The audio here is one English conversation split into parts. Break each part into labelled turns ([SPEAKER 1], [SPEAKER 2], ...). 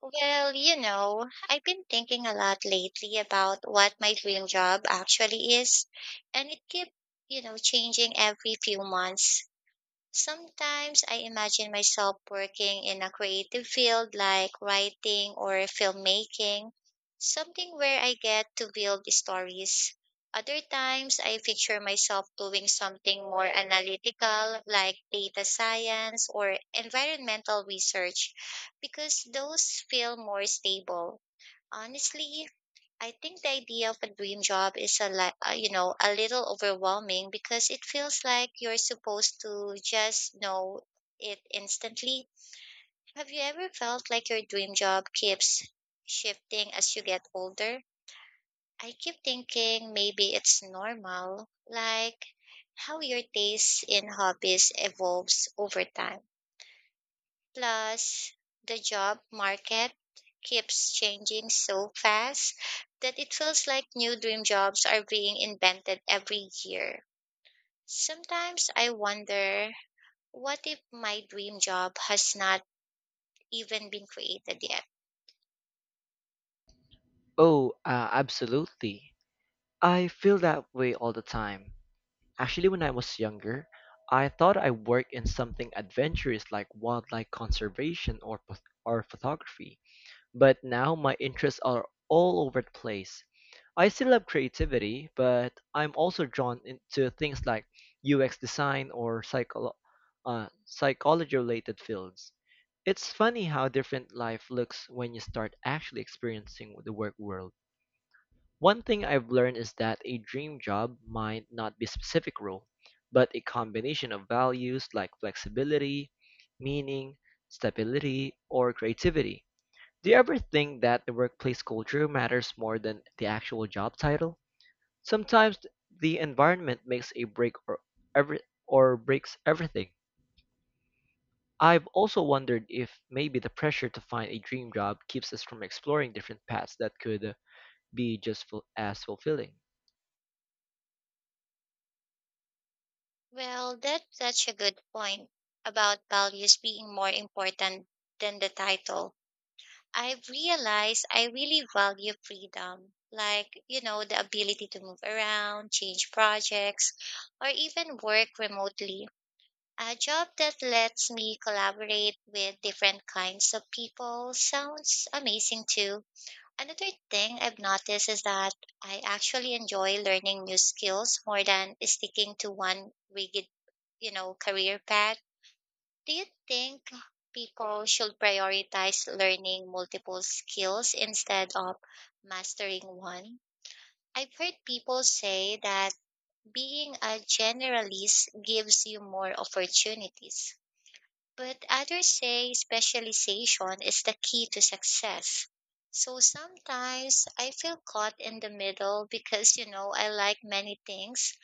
[SPEAKER 1] Well, I've been thinking a lot lately about what my dream job actually is, and it keeps, changing every few months. Sometimes I imagine myself working in a creative field like writing or filmmaking, something where I get to build stories. Other times I picture myself doing something more analytical like data science or environmental research because those feel more stable. Honestly, I think the idea of a dream job is a li- you know a little overwhelming because it feels like you're supposed to just know it instantly. Have you ever felt like your dream job keeps shifting as you get older? I keep thinking maybe it's normal, like how your taste in hobbies evolves over time. Plus, the job market keeps changing so fast that it feels like new dream jobs are being invented every year. Sometimes I wonder, what if my dream job has not even been created yet?
[SPEAKER 2] Oh, Absolutely. I feel that way all the time. Actually, when I was younger, I thought I worked in something adventurous like wildlife conservation or photography. But now my interests are all over the place. I still love creativity, but I'm also drawn into things like UX design or psychology-related fields. It's funny how different life looks when you start actually experiencing the work world. One thing I've learned is that a dream job might not be a specific role, but a combination of values like flexibility, meaning, stability, or creativity. Do you ever think that the workplace culture matters more than the actual job title? Sometimes the environment makes a break every or breaks everything. I've also wondered if maybe the pressure to find a dream job keeps us from exploring different paths that could be just as fulfilling.
[SPEAKER 1] Well, that's such a good point about values being more important than the title. I've realized I really value freedom, like, the ability to move around, change projects, or even work remotely. A job that lets me collaborate with different kinds of people sounds amazing too. Another thing I've noticed is that I actually enjoy learning new skills more than sticking to one rigid, career path. Do you think people should prioritize learning multiple skills instead of mastering one? I've heard people say that being a generalist gives you more opportunities, but others say specialization is the key to success. So sometimes I feel caught in the middle because, I like many things,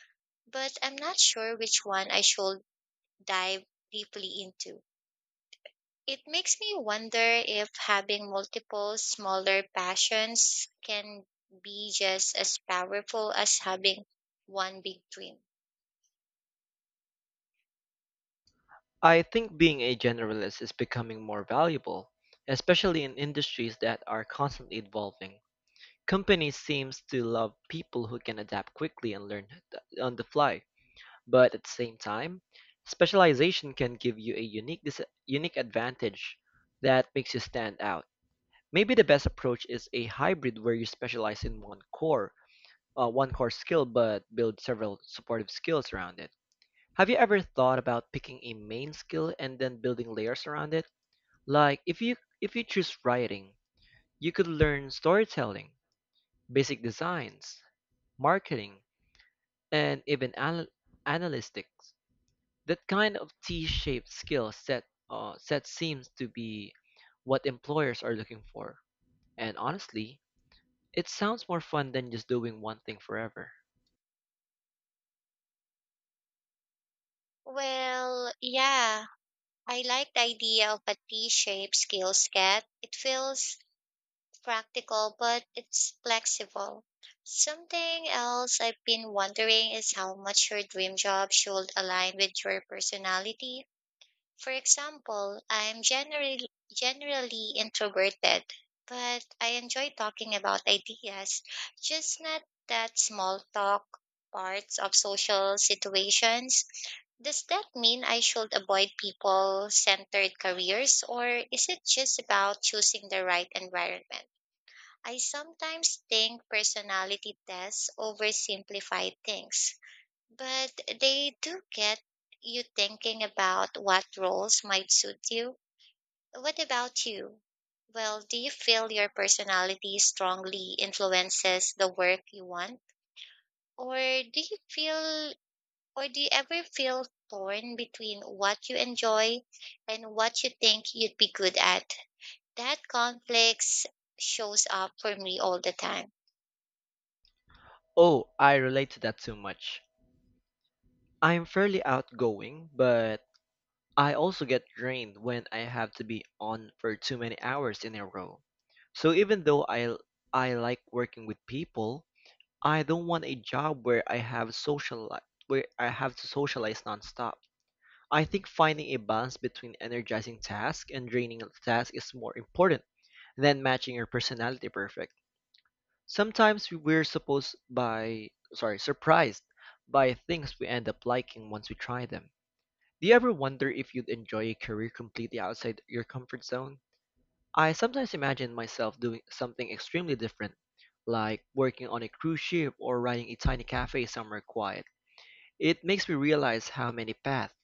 [SPEAKER 1] but I'm not sure which one I should dive deeply into. It makes me wonder if having multiple smaller passions can be just as powerful as having one big dream.
[SPEAKER 2] I think being a generalist is becoming more valuable, especially in industries that are constantly evolving. Companies seems to love people who can adapt quickly and learn on the fly. But at the same time, specialization can give you a unique advantage that makes you stand out. Maybe the best approach is a hybrid where you specialize in one core skill, but build several supportive skills around it. Have you ever thought about picking a main skill and then building layers around it? Like if you choose writing, you could learn storytelling, basic designs, marketing, and even analytics. That kind of T-shaped skill set set seems to be what employers are looking for. And honestly, it sounds more fun than just doing one thing forever.
[SPEAKER 1] Well, yeah, I like the idea of a T shaped skill set. It feels practical, but it's flexible. Something else I've been wondering is how much your dream job should align with your personality. For example, I'm generally introverted, but I enjoy talking about ideas, just not that small talk parts of social situations. Does that mean I should avoid people centered careers, or is it just about choosing the right environment? I sometimes think personality tests oversimplify things. But they do get you thinking about what roles might suit you. What about you? Well, do you feel your personality strongly influences the work you want? Or do you feel, or do you ever feel torn between what you enjoy and what you think you'd be good at? That conflict shows up for me all the time.
[SPEAKER 2] Oh, I relate to that too much. I'm fairly outgoing, but I also get drained when I have to be on for too many hours in a row. So even though I like working with people, I don't want a job where I have where I have to socialize nonstop. I think finding a balance between energizing tasks and draining tasks is more important than matching your personality perfect. Sometimes we- we're supposed by sorry surprised by things we end up liking once we try them. Do you ever wonder if you'd enjoy a career completely outside your comfort zone? I sometimes imagine myself doing something extremely different, like working on a cruise ship or running a tiny cafe somewhere quiet. It makes me realize how many paths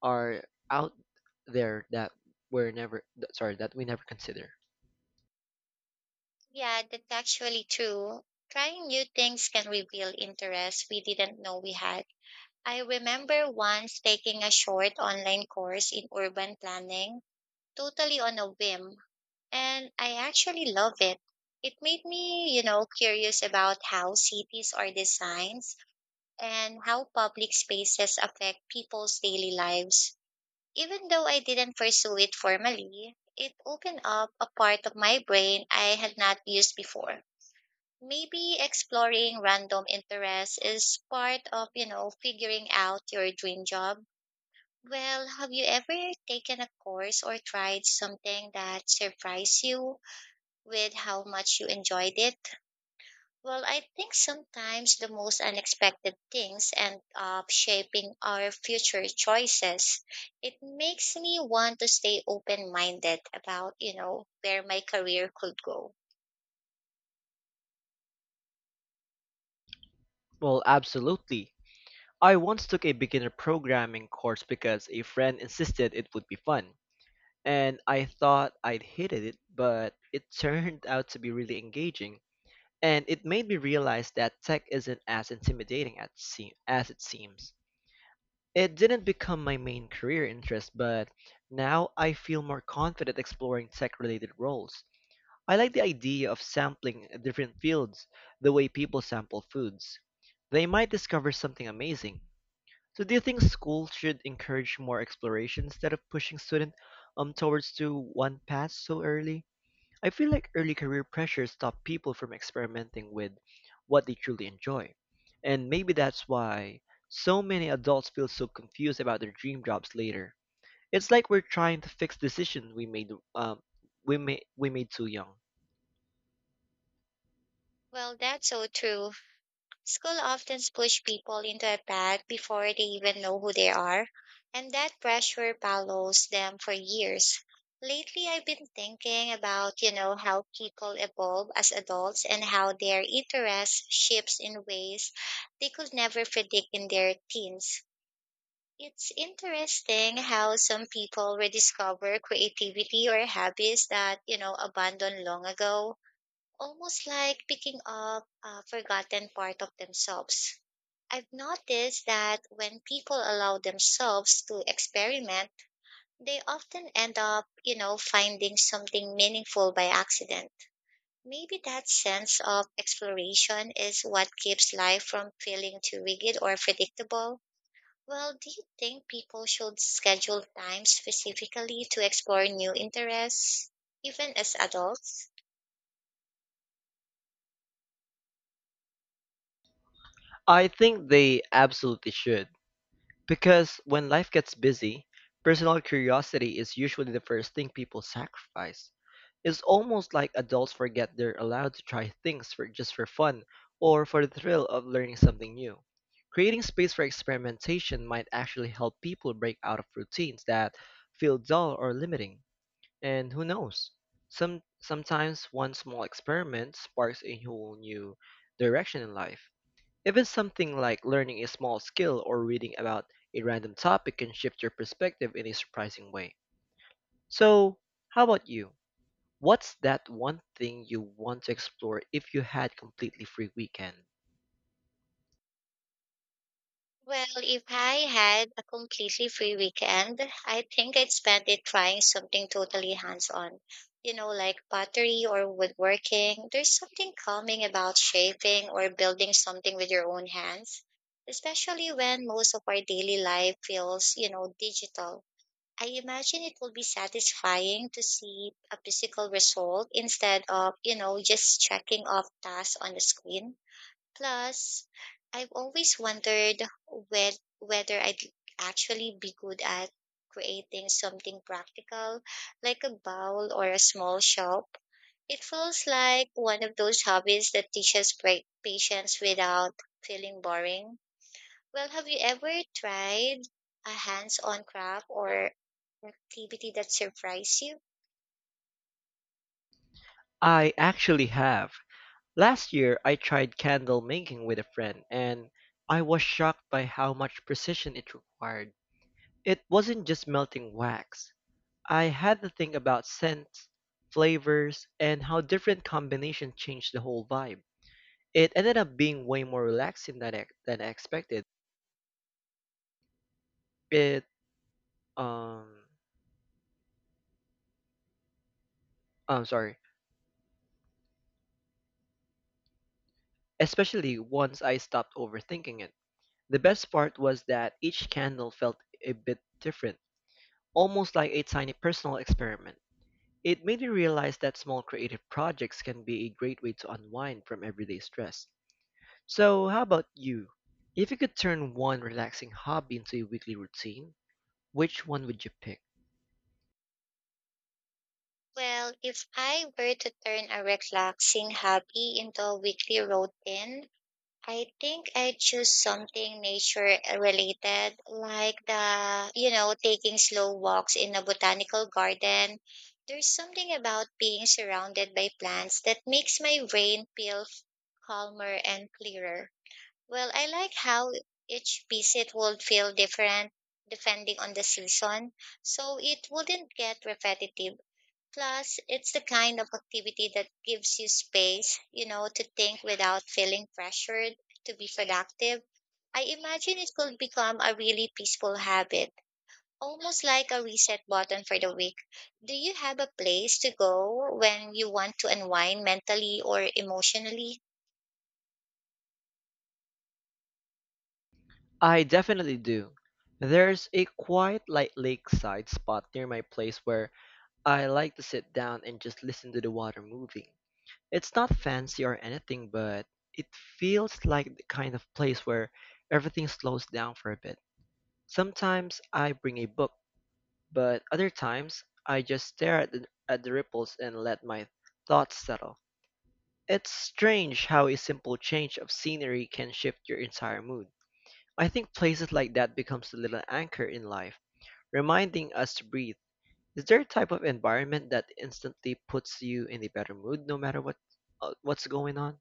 [SPEAKER 2] are out there that we never consider.
[SPEAKER 1] Yeah, that's actually true. Trying new things can reveal interests we didn't know we had. I remember once taking a short online course in urban planning, totally on a whim, and I actually love it. It made me, curious about how cities are designed and how public spaces affect people's daily lives. Even though I didn't pursue it formally, it opened up a part of my brain I had not used before. Maybe exploring random interests is part of, figuring out your dream job. Well, have you ever taken a course or tried something that surprised you with how much you enjoyed it? Well, I think sometimes the most unexpected things end up shaping our future choices. It makes me want to stay open minded about, where my career could go.
[SPEAKER 2] Well, absolutely. I once took a beginner programming course because a friend insisted it would be fun. And I thought I'd hated it, but it turned out to be really engaging. And it made me realize that tech isn't as intimidating as it seems. It didn't become my main career interest, but now I feel more confident exploring tech related roles. I like the idea of sampling different fields the way people sample foods. They might discover something amazing. So do you think schools should encourage more exploration instead of pushing students towards to one path so early? I feel like early career pressure stop people from experimenting with what they truly enjoy. And maybe that's why so many adults feel so confused about their dream jobs later. It's like we're trying to fix decisions we made too young.
[SPEAKER 1] Well, that's so true. School often push people into a path before they even know who they are, and that pressure follows them for years. Lately, I've been thinking about, how people evolve as adults and how their interests shifts in ways they could never predict in their teens. It's interesting how some people rediscover creativity or habits that, abandoned long ago, almost like picking up a forgotten part of themselves. I've noticed that when people allow themselves to experiment, they often end up, finding something meaningful by accident. Maybe that sense of exploration is what keeps life from feeling too rigid or predictable. Well, do you think people should schedule time specifically to explore new interests, even as adults?
[SPEAKER 2] I think they absolutely should. Because when life gets busy, personal curiosity is usually the first thing people sacrifice. It's almost like adults forget they're allowed to try things for just for fun or for the thrill of learning something new. Creating space for experimentation might actually help people break out of routines that feel dull or limiting. And who knows? Sometimes one small experiment sparks a whole new direction in life. Even something like learning a small skill or reading about a random topic can shift your perspective in a surprising way. So, how about you? What's that one thing you want to explore if you had completely free weekend?
[SPEAKER 1] Well, if I had a completely free weekend, I think I'd spend it trying something totally hands-on. You know, like pottery or woodworking. There's something calming about shaping or building something with your own hands, especially when most of our daily life feels, digital. I imagine it will be satisfying to see a physical result instead of, just checking off tasks on the screen. Plus, I've always wondered whether I'd actually be good at creating something practical, like a bowl or a small shop. It feels like one of those hobbies that teaches patience without feeling boring. Well, have you ever tried a hands on craft or activity that surprised you?
[SPEAKER 2] I actually have. Last year, I tried candle making with a friend and I was shocked by how much precision it required. It wasn't just melting wax. I had to think about scents, flavors, and how different combinations change the whole vibe. It ended up being way more relaxing than I expected. It um I'm sorry, Especially once I stopped overthinking it. The best part was that each candle felt a bit different, almost like a tiny personal experiment. It made me realize that small creative projects can be a great way to unwind from everyday stress. So, how about you? If you could turn one relaxing hobby into a weekly routine, which one would you pick?
[SPEAKER 1] Well, if I were to turn a relaxing hobby into a weekly routine, I think I choose something nature related, like the, taking slow walks in a botanical garden. There's something about being surrounded by plants that makes my brain feel calmer and clearer. Well, I like how each visit would feel different depending on the season, so it wouldn't get repetitive. Plus, it's the kind of activity that gives you space, to think without feeling pressured to be productive. I imagine it could become a really peaceful habit, almost like a reset button for the week. Do you have a place to go when you want to unwind mentally or emotionally?
[SPEAKER 2] I definitely do. There's a quiet, light lakeside spot near my place where I like to sit down and just listen to the water moving. It's not fancy or anything, but it feels like the kind of place where everything slows down for a bit. Sometimes I bring a book, but other times I just stare at at the ripples and let my thoughts settle. It's strange how a simple change of scenery can shift your entire mood. I think places like that becomes a little anchor in life, reminding us to breathe. Is there a type of environment that instantly puts you in a better mood no matter what's going on?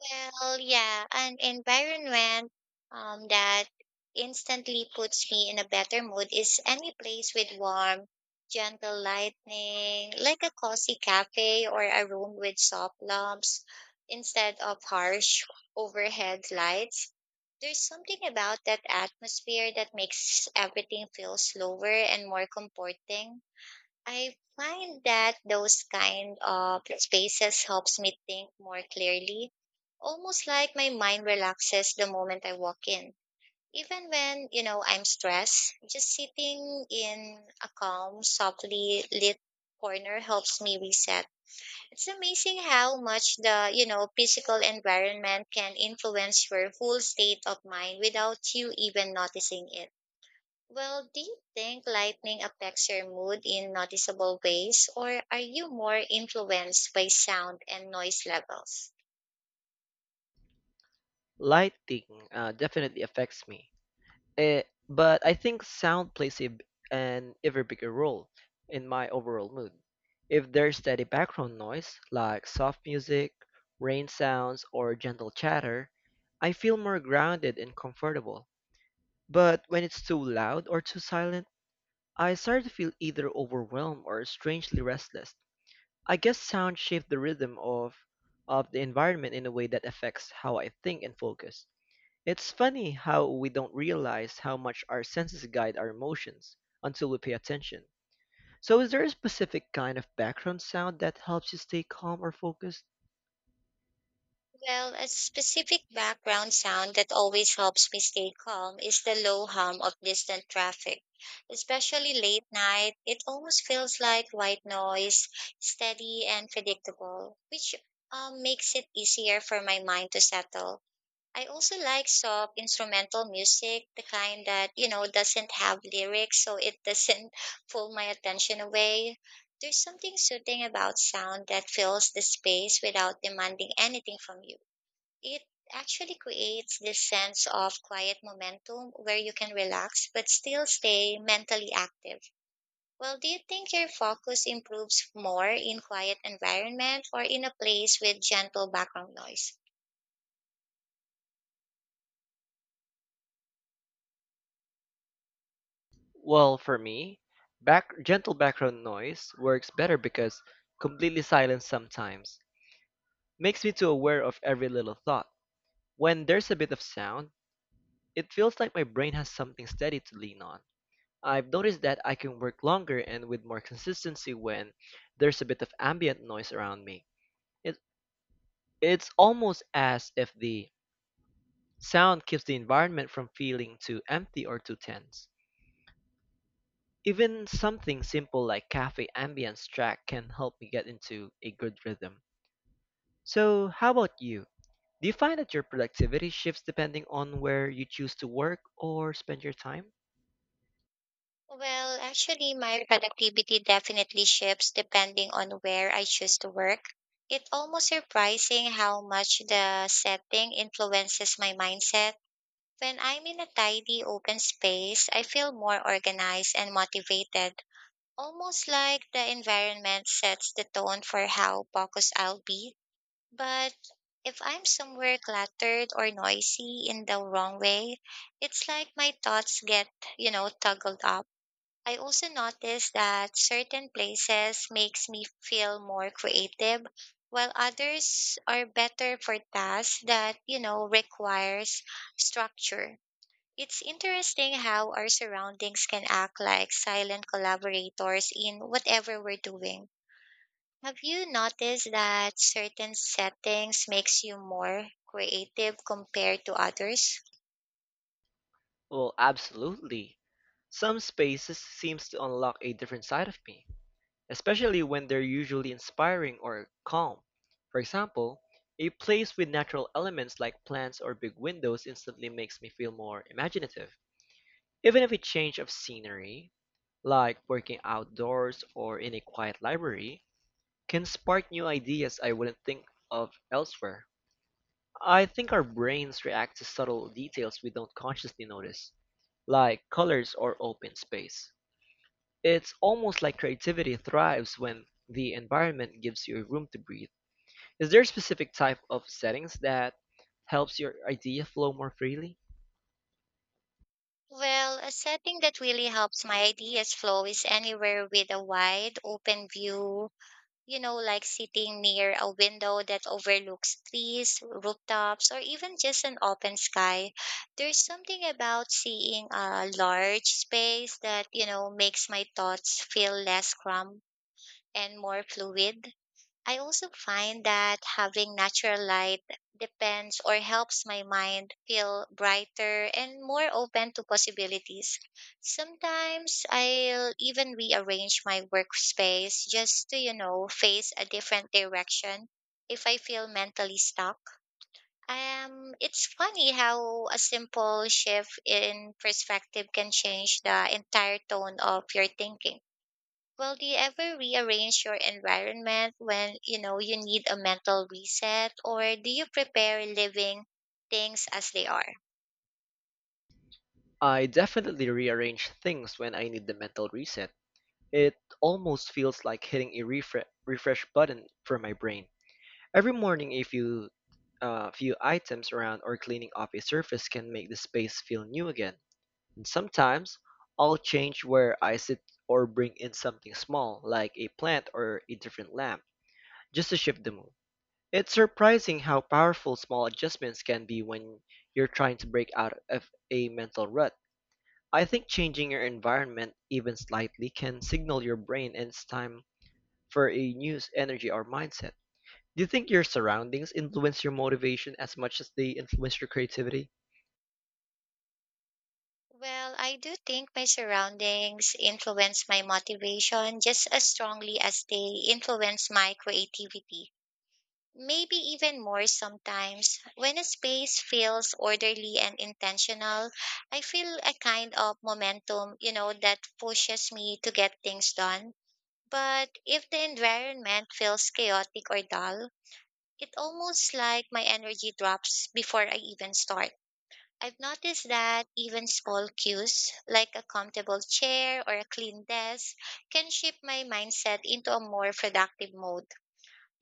[SPEAKER 1] Well, yeah, an environment, that instantly puts me in a better mood is any place with warm, gentle lighting, like a cozy cafe or a room with soft lamps instead of harsh overhead lights. There's something about that atmosphere that makes everything feel slower and more comforting. I find that those kind of spaces helps me think more clearly, almost like my mind relaxes the moment I walk in. Even when, I'm stressed, just sitting in a calm, softly lit corner helps me reset. It's amazing how much the, physical environment can influence your whole state of mind without you even noticing it. Well, do you think lightning affects your mood in noticeable ways, or are you more influenced by sound and noise levels?
[SPEAKER 2] Lighting definitely affects me. Eh, but I think sound plays an ever bigger role in my overall mood. If there's steady background noise like soft music, rain sounds, or gentle chatter, I feel more grounded and comfortable. But when it's too loud or too silent, I started to feel either overwhelmed or strangely restless. I guess sound shaped the rhythm of the environment in a way that affects how I think and focus. It's funny how we don't realize how much our senses guide our emotions until we pay attention. So is there a specific kind of background sound that helps you stay calm or focused?
[SPEAKER 1] Well, a specific background sound that always helps me stay calm is the low hum of distant traffic. Especially late night, it almost feels like white noise, steady and predictable, which makes it easier for my mind to settle. I also like soft instrumental music, the kind that, doesn't have lyrics, so it doesn't pull my attention away. There's something soothing about sound that fills the space without demanding anything from you. It actually creates this sense of quiet momentum where you can relax but still stay mentally active. Well, do you think your focus improves more in quiet environment or in a place with gentle background noise?
[SPEAKER 2] Well, for me, back gentle background noise works better because completely silence sometimes makes me too aware of every little thought. When there's a bit of sound, it feels like my brain has something steady to lean on. I've noticed that I can work longer and with more consistency when there's a bit of ambient noise around me. It, it's almost as if the sound keeps the environment from feeling too empty or too tense. Even something simple like cafe ambience track can help me get into a good rhythm. So, how about you? Do you find that your productivity shifts depending on where you choose to work or spend your time?
[SPEAKER 1] Well, actually, my productivity definitely shifts depending on where I choose to work. It's almost surprising how much the setting influences my mindset. When I'm in a tidy, open space, I feel more organized and motivated, almost like the environment sets the tone for how focused I'll be. But if I'm somewhere cluttered or noisy in the wrong way, it's like my thoughts get, toggled up. I also notice that certain places makes me feel more creative while others are better for tasks that, requires structure. It's interesting how our surroundings can act like silent collaborators in whatever we're doing. Have you noticed that certain settings makes you more creative compared to others?
[SPEAKER 2] Well, absolutely. Some spaces seems to unlock a different side of me, especially when they're usually inspiring or calm. For example, a place with natural elements like plants or big windows instantly makes me feel more imaginative. Even if a change of scenery, like working outdoors or in a quiet library, can spark new ideas I wouldn't think of elsewhere. I think our brains react to subtle details we don't consciously notice, like colors or open space. It's almost like creativity thrives when the environment gives you room to breathe. Is there a specific type of settings that helps your idea flow more freely?
[SPEAKER 1] Well, a setting that really helps my ideas flow is anywhere with a wide open view, like sitting near a window that overlooks trees, rooftops, or even just an open sky. There's something about seeing a large space that, makes my thoughts feel less cramped and more fluid. I also find that having natural light depends or helps my mind feel brighter and more open to possibilities. Sometimes I'll even rearrange my workspace just to, face a different direction if I feel mentally stuck. It's funny how a simple shift in perspective can change the entire tone of your thinking. Well, do you ever rearrange your environment when you know you need a mental reset, or do you prepare living things as they are?
[SPEAKER 2] I definitely rearrange things when I need the mental reset. It almost feels like hitting a refresh button for my brain. Every morning, a few items around or cleaning off a surface can make the space feel new again. And sometimes I'll change where I sit or bring in something small, like a plant or a different lamp, just to shift the mood. It's surprising how powerful small adjustments can be when you're trying to break out of a mental rut. I think changing your environment even slightly can signal your brain and it's time for a energy or mindset. Do you think your surroundings influence your motivation as much as they influence your creativity?
[SPEAKER 1] Well, I do think my surroundings influence my motivation just as strongly as they influence my creativity. Maybe even more sometimes. When a space feels orderly and intentional, I feel a kind of momentum, that pushes me to get things done. But if the environment feels chaotic or dull, it almost like my energy drops before I even start. I've noticed that even small cues, like a comfortable chair or a clean desk, can shift my mindset into a more productive mode.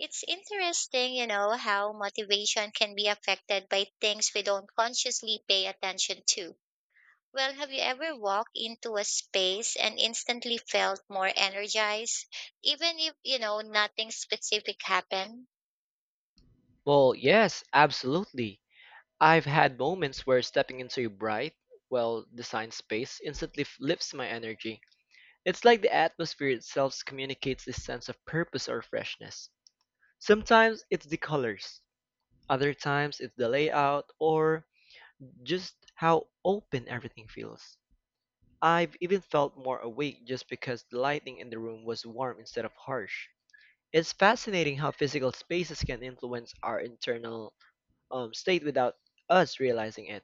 [SPEAKER 1] It's interesting, how motivation can be affected by things we don't consciously pay attention to. Well, have you ever walked into a space and instantly felt more energized, even if, nothing specific happened?
[SPEAKER 2] Well, yes, absolutely. I've had moments where stepping into a bright, well designed space instantly lifts my energy. It's like the atmosphere itself communicates this sense of purpose or freshness. Sometimes it's the colors, other times it's the layout, or just how open everything feels. I've even felt more awake just because the lighting in the room was warm instead of harsh. It's fascinating how physical spaces can influence our internal state without us realizing it.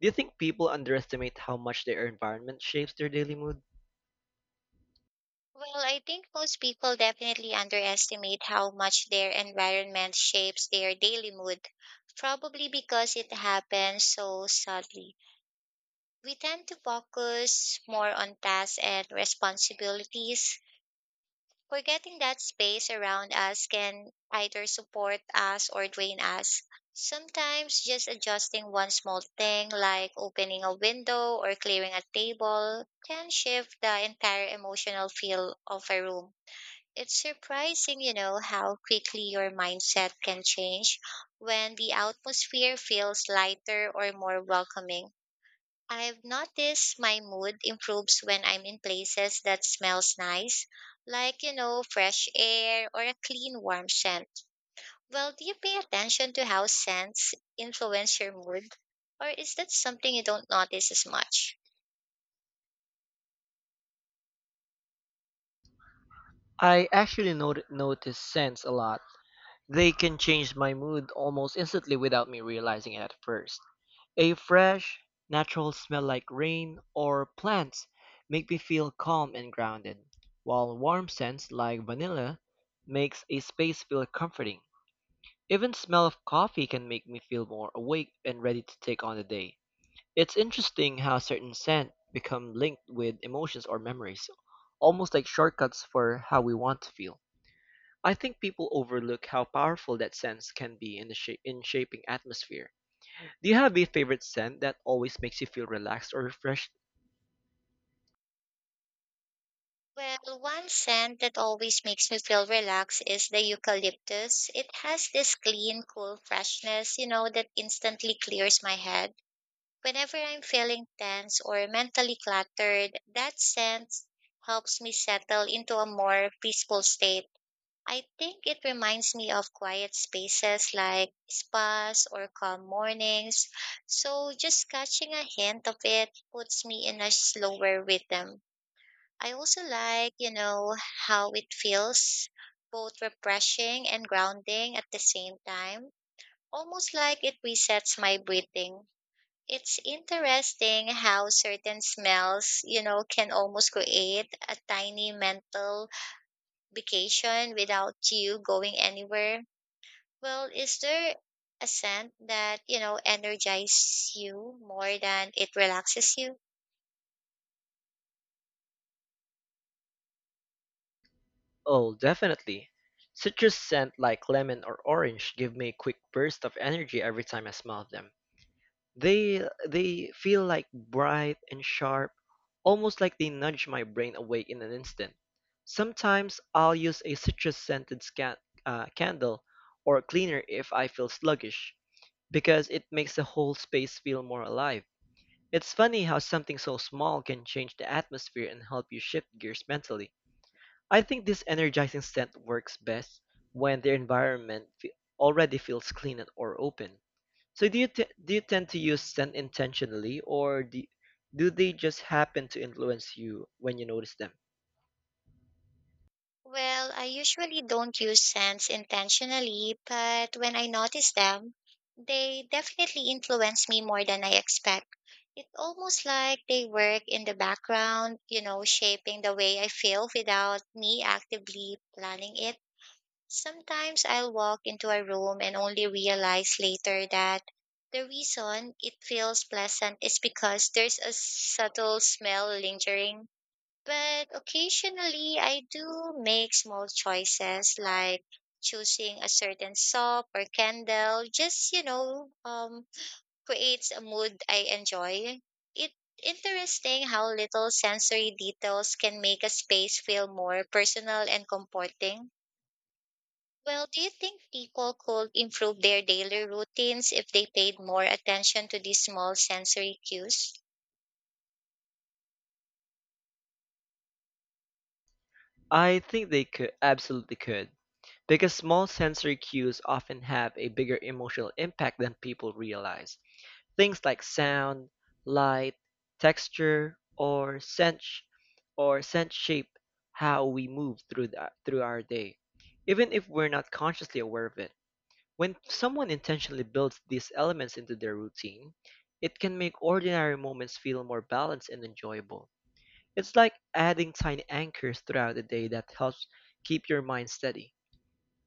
[SPEAKER 2] Do you think people underestimate how much their environment shapes their daily mood?
[SPEAKER 1] Well, I think most people definitely underestimate how much their environment shapes their daily mood, probably because it happens so subtly. We tend to focus more on tasks and responsibilities, forgetting that space around us can either support us or drain us. Sometimes just adjusting one small thing like opening a window or clearing a table can shift the entire emotional feel of a room. It's surprising, how quickly your mindset can change when the atmosphere feels lighter or more welcoming. I've noticed my mood improves when I'm in places that smells nice, like, fresh air or a clean warm scent. Well, do you pay attention to how scents influence your mood? Or is that something you don't notice as much?
[SPEAKER 2] I actually notice scents a lot. They can change my mood almost instantly without me realizing it at first. A fresh, natural smell like rain or plants make me feel calm and grounded, while warm scents like vanilla makes a space feel comforting. Even smell of coffee can make me feel more awake and ready to take on the day. It's interesting how certain scents become linked with emotions or memories, almost like shortcuts for how we want to feel. I think people overlook how powerful that sense can be in the in shaping atmosphere. Do you have a favorite scent that always makes you feel relaxed or refreshed?
[SPEAKER 1] Well, one scent that always makes me feel relaxed is the eucalyptus. It has this clean, cool freshness, that instantly clears my head. Whenever I'm feeling tense or mentally cluttered, that sense helps me settle into a more peaceful state. I think it reminds me of quiet spaces like spas or calm mornings. So just catching a hint of it puts me in a slower rhythm. I also like, how it feels both refreshing and grounding at the same time, almost like it resets my breathing. It's interesting how certain smells, can almost create a tiny mental vacation without you going anywhere. Well, is there a scent that, energizes you more than it relaxes you?
[SPEAKER 2] Oh, definitely. Citrus scent like lemon or orange give me a quick burst of energy every time I smell them. They they feel like bright and sharp, almost like they nudge my brain awake in an instant. Sometimes I'll use a candle or a cleaner if I feel sluggish, because it makes the whole space feel more alive. It's funny how something so small can change the atmosphere and help you shift gears mentally. I think this energizing scent works best when the environment already feels clean or open. So do you tend to use scent intentionally, or do they just happen to influence you when you notice them?
[SPEAKER 1] Well, I usually don't use scents intentionally, but when I notice them, they definitely influence me more than I expect. It's almost like they work in the background, shaping the way I feel without me actively planning it. Sometimes I'll walk into a room and only realize later that the reason it feels pleasant is because there's a subtle smell lingering, but occasionally I do make small choices like choosing a certain soap or candle just creates a mood I enjoy. It interesting how little sensory details can make a space feel more personal and comforting. Well, do you think people could improve their daily routines if they paid more attention to these small sensory cues?
[SPEAKER 2] I think they could absolutely could, because small sensory cues often have a bigger emotional impact than people realize. Things like sound, light, texture, or scent shape how we move through through our day, even if we're not consciously aware of it. When someone intentionally builds these elements into their routine, it can make ordinary moments feel more balanced and enjoyable. It's like adding tiny anchors throughout the day that helps keep your mind steady.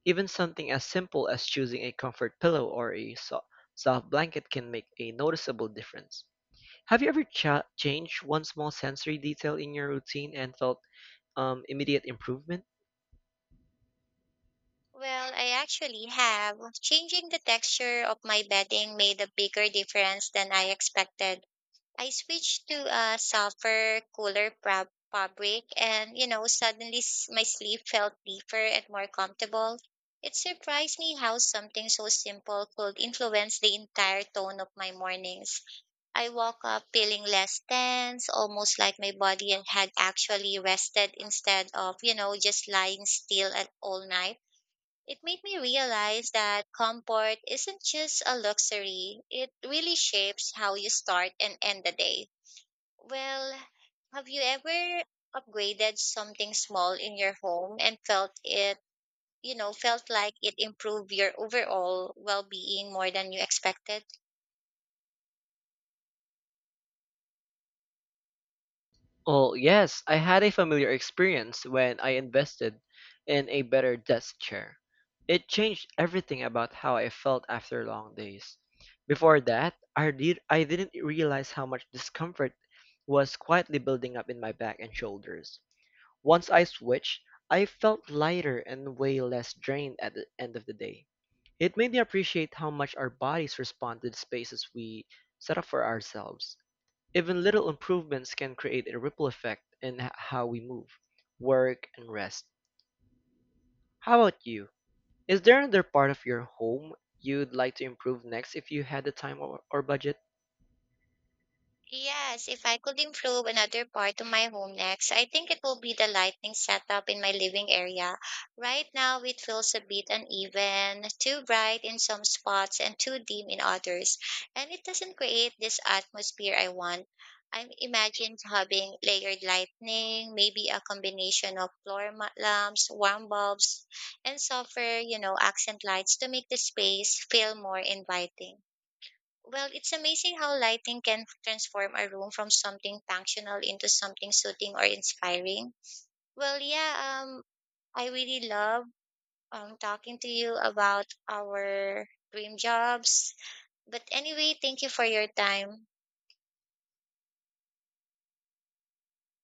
[SPEAKER 2] Even something as simple as choosing a comfort pillow or a soft blanket can make a noticeable difference. Have you ever changed one small sensory detail in your routine and felt immediate improvement?
[SPEAKER 1] Well, I actually have. Changing the texture of my bedding made a bigger difference than I expected. I switched to a softer, cooler fabric, and suddenly my sleep felt deeper and more comfortable. It surprised me how something so simple could influence the entire tone of my mornings. I woke up feeling less tense, almost like my body had actually rested instead of, just lying still at all night. It made me realize that comfort isn't just a luxury, it really shapes how you start and end the day. Well, have you ever upgraded something small in your home and felt it, felt like it improved your overall well being more than you expected?
[SPEAKER 2] Oh, yes, I had a familiar experience when I invested in a better desk chair. It changed everything about how I felt after long days. Before that, I didn't realize how much discomfort was quietly building up in my back and shoulders. Once I switched, I felt lighter and way less drained at the end of the day. It made me appreciate how much our bodies respond to the spaces we set up for ourselves. Even little improvements can create a ripple effect in how we move, work, and rest. How about you? Is there another part of your home you'd like to improve next if you had the time or budget?
[SPEAKER 1] Yes, if I could improve another part of my home next, I think it will be the lighting setup in my living area. Right now, it feels a bit uneven, too bright in some spots and too dim in others, and it doesn't create this atmosphere I want. I imagine having layered lighting, maybe a combination of lamps, warm bulbs, and softer, accent lights to make the space feel more inviting. Well, it's amazing how lighting can transform a room from something functional into something soothing or inspiring. Well, yeah, I really love talking to you about our dream jobs. But anyway, thank you for your time.